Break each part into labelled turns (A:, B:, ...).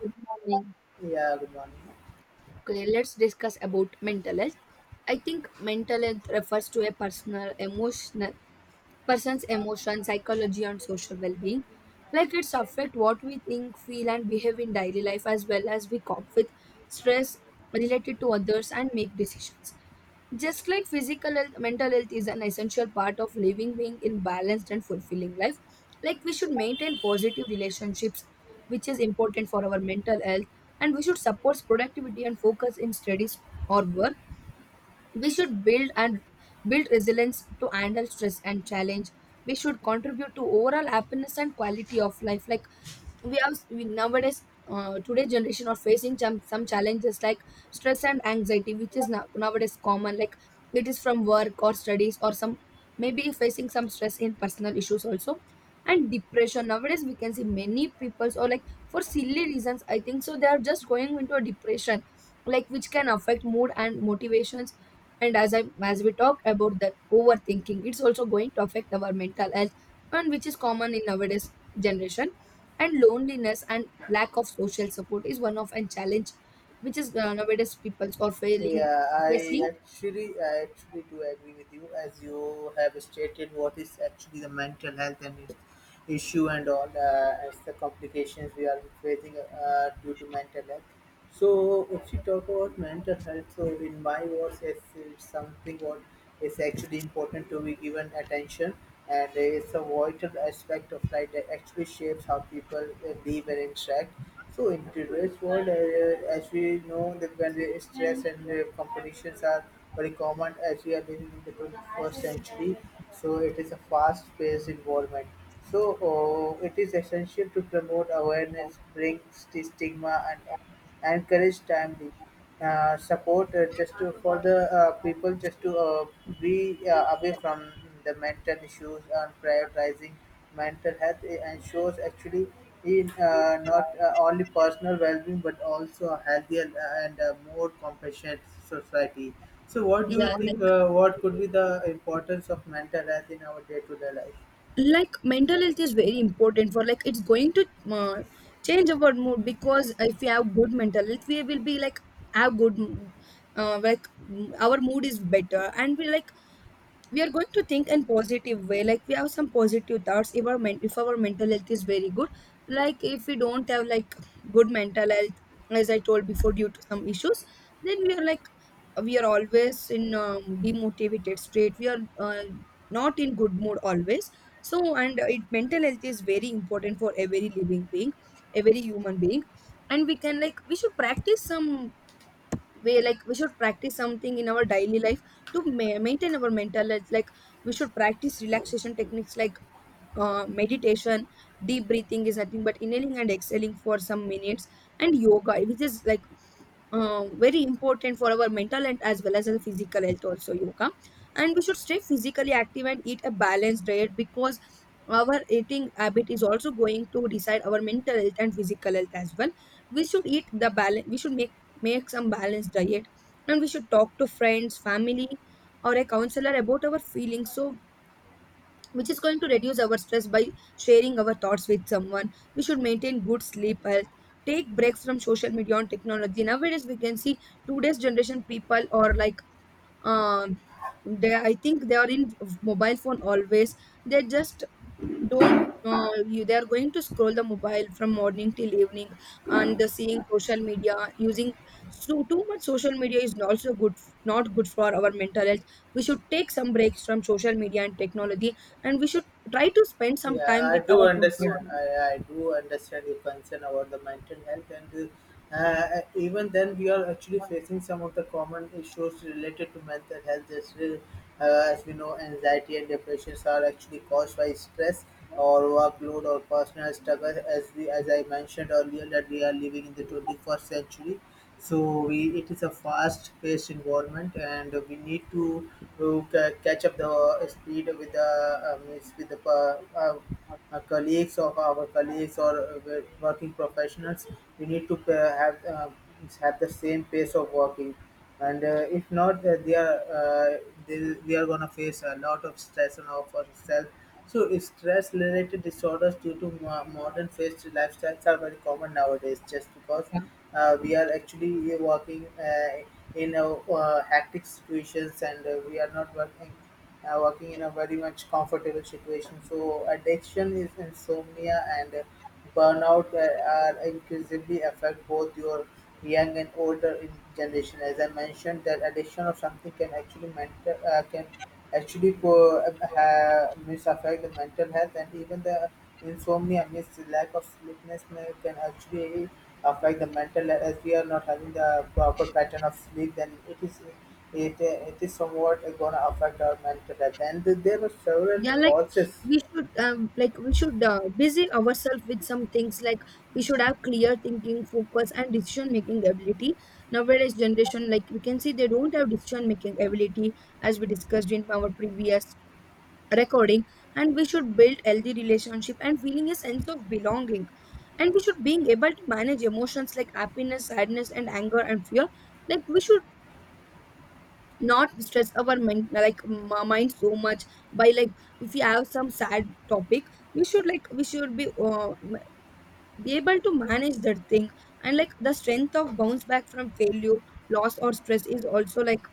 A: Good morning.
B: Yeah, good morning.
A: Okay, let's discuss about mental health. I think mental health refers to a personal, emotional, person's emotion, psychology, and social well being. Like it's affect what we think, feel, and behave in daily life as well as we cope with stress related to others and make decisions. Just like physical health, mental health is an essential part of living being in balanced and fulfilling life. Like we should maintain positive relationships, which is important for our mental health, and we should support productivity and focus in studies or work, we should build and build resilience to handle stress and challenge, we should contribute to overall happiness and quality of life. Like nowadays, today's generation are facing some challenges like stress and anxiety, which is nowadays common. Like it is from work or studies, or some maybe facing some stress in personal issues also. And depression, nowadays we can see many peoples, or like for silly reasons I think so they are just going into a depression, like which can affect mood and motivations. And as we talk about that, overthinking it's also going to affect our mental health, and which is common in nowadays generation. And loneliness and lack of social support is one of a challenge, which is nowadays people are failing
B: Yeah, I
A: facing.
B: actually, I actually do agree with you as you have stated what is actually the mental health and its issue and all, as the complications we are facing due to mental health. So, if you talk about mental health, so in my words, it's something what is actually important to be given attention, and it's a vital aspect of life that actually shapes how people live and interact. So in today's world, as we know that when the stress and the competitions are very common, as we are living in the 21st century, so it is a fast-paced environment. So it is essential to promote awareness, bring stigma, and encourage timely support, just to, for the people just to be away from the mental issues, and prioritizing mental health ensures actually in not only personal well-being but also a healthier and more compassionate society. So what do you
A: Yeah,
B: think,
A: like
B: what could be the importance of mental health in our day-to-day life?
A: like mental health is very important for, like it's going to, uh, change our mood, because if we have good mental health we will be like have good m- like m- our mood is better and we like we are going to think in positive way, like we have some positive thoughts if if our mental health is very good. Like if we don't have like good mental health, as I told before, due to some issues, then we are like we are always in demotivated state, we are not in good mood always. So, and it mental health is very important for every living being, every human being. And we can, we should practice something in our daily life to maintain our mental health. Like we should practice relaxation techniques like meditation, deep breathing is nothing but inhaling and exhaling for some minutes, and yoga, which is like very important for our mental and as well as our physical health also, yoga. And we should stay physically active and eat a balanced diet, because our eating habit is also going to decide our mental health and physical health as well. We should eat the balance, we should make some balanced diet. And we should talk to friends, family, or a counselor about our feelings, so which is going to reduce our stress by sharing our thoughts with someone. We should maintain good sleep health, take breaks from social media and technology. Nowadays, we can see today's generation people are like, um they, I think they are in mobile phone always, they just don't you they are going to scroll the mobile from morning till evening and the seeing social media using. So too much social media is also good, not good for our mental health. We should take some breaks from social media and technology, and we should try to spend some
B: Yeah,
A: time
B: I
A: with
B: do
A: our
B: understand.
A: comfort.
B: I do understand your concern about the mental health, and even then, we are actually facing some of the common issues related to mental health as well. As we know, anxiety and depressions are actually caused by stress or workload or personal struggle. As I mentioned earlier, that we are living in the 21st century, so we it is a fast-paced environment, and we need to catch up the speed um, with the colleagues of our colleagues or working professionals. We need to have the same pace of working, and if not, they, they are gonna face a lot of stress on our for itself. So stress related disorders due to modern fast lifestyles are very common nowadays, just because we are actually working in a hectic situations, and we are not working working in a very much comfortable situation. So addiction is insomnia, and burnout are increasingly affect both your young and older in generation. As I mentioned, that addiction of something can actually mental can actually have mis affect the mental health, and even the insomnia, means the lack of sleepiness, can actually affect the mental health, as we are not having the proper pattern of sleep. Then it is, it is somewhat going to affect our mental health. And there were several
A: Yeah, like
B: causes.
A: we should, we should busy ourselves with some things. Like we should have clear thinking, focus, and decision making ability. Nowadays generation, like we can see they don't have decision making ability, as we discussed in our previous recording. And we should build healthy relationship and feeling a sense of belonging, and we should being able to manage emotions like happiness, sadness, and anger and fear. Like we should not stress our mind so much by like, if we have some sad topic, we should like we should be be able to manage that thing. And like the strength of bounce back from failure, loss, or stress is also like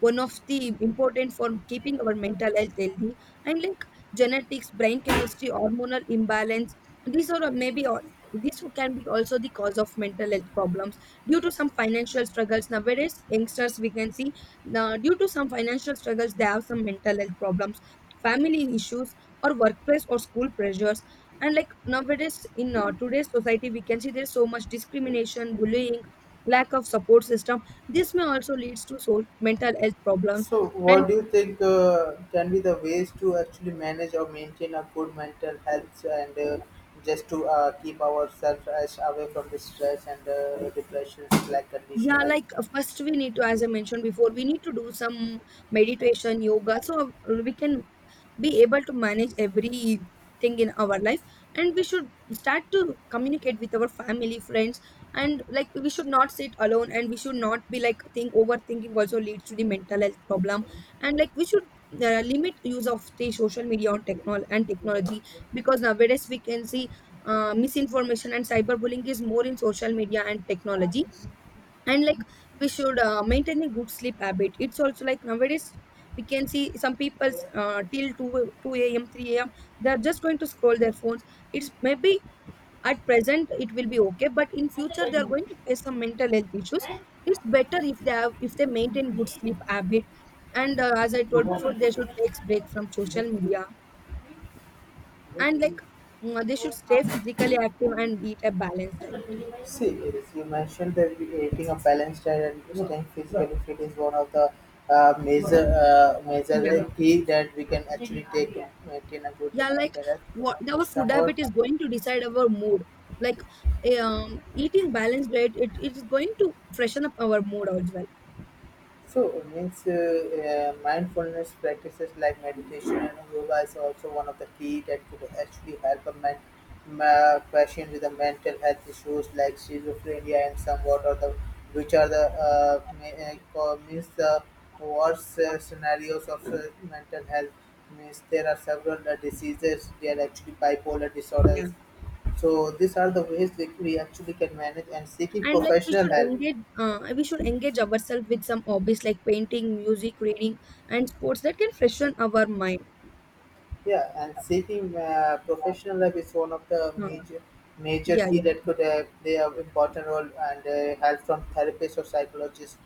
A: one of the important for keeping our mental health healthy. And like genetics, brain chemistry, hormonal imbalance, these are maybe all this can be also the cause of mental health problems. Due to some financial struggles nowadays, youngsters, we can see now, due to some financial struggles they have some mental health problems, family issues, or workplace or school pressures. And like nowadays in today's society, we can see there's so much discrimination, bullying, lack of support system. This may also leads to so mental health problems.
B: So,
A: And
B: what do you think, can be the ways to actually manage or maintain a good mental health, and just to keep ourselves as away from the stress and depression like
A: yeah,
B: condition?
A: like, first we need to, as I mentioned before, we need to do some meditation, yoga, so we can be able to manage everything in our life. And we should start to communicate with our family, friends, and like we should not sit alone, and we should not be like think, overthinking also leads to the mental health problem. And like we should limit use of the social media on technology, because nowadays we can see misinformation and cyberbullying is more in social media and technology. And like we should maintain a good sleep habit. It's also like nowadays we can see some people till 2 a.m 3 a.m. they are just going to scroll their phones. It's maybe at present it will be okay, but in future they are going to face some mental health issues. It's better if they have, if they maintain good sleep habit. And as I told before, they should take break from social media. And like, they should stay
B: And
A: physically active and eat a balanced diet.
B: see, yes, you mentioned that eating a balanced diet and staying physically fit is one of the major
A: Yeah,
B: key that we can actually take to maintain a good
A: yeah, like
B: mental health.
A: what our
B: It's
A: food
B: somewhat.
A: habit is going to decide our mood, like eh, um eating balanced diet, it is going to freshen up our mood as well.
B: So, means mindfulness practices like meditation and yoga is also one of the key that could actually help a man, patient with the mental health issues like schizophrenia and somewhat, or the which are the means the worst scenarios of mental health. Means there are several diseases, they are actually bipolar
A: Yeah,
B: disorders. So these are the ways that we actually can manage, and seeking
A: and like
B: professional help.
A: we should engage ourselves with some hobbies like painting, music, reading, and sports that can freshen our mind.
B: Yeah, and seeking professional help is one of the
A: uh,
B: major major
A: yeah,
B: key that
A: yeah,
B: could play an important role, and help from therapists or psychologists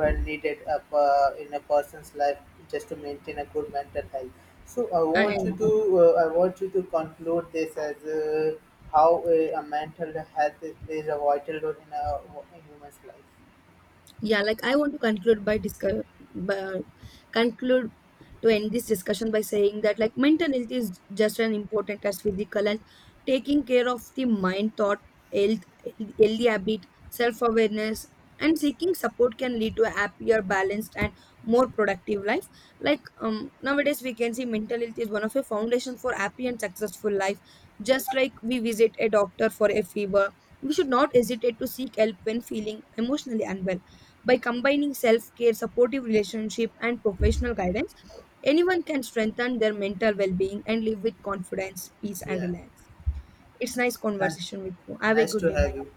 B: when needed up, in a person's life, just to maintain a good mental health. So I want
A: and
B: you to conclude this as, how, a mental health is, plays a vital role in a human's life.
A: yeah, like I want to conclude by discuss, by, conclude to end this discussion by saying that like mental health is just as important as physical, and taking care of the mind, thought, health, healthy habit, self awareness, and seeking support can lead to a happier, balanced, and more productive life. Like nowadays, we can see mental health is one of a foundation for happy and successful life. Just like we visit a doctor for a fever, we should not hesitate to seek help when feeling emotionally unwell. By combining self care, supportive relationship, and professional guidance, anyone can strengthen their mental well being and live with confidence, peace, and
B: Yeah,
A: reliance. It's nice
B: thank.
A: conversation with you. Have a
B: Nice
A: good
B: to
A: day. Bye.
B: have you.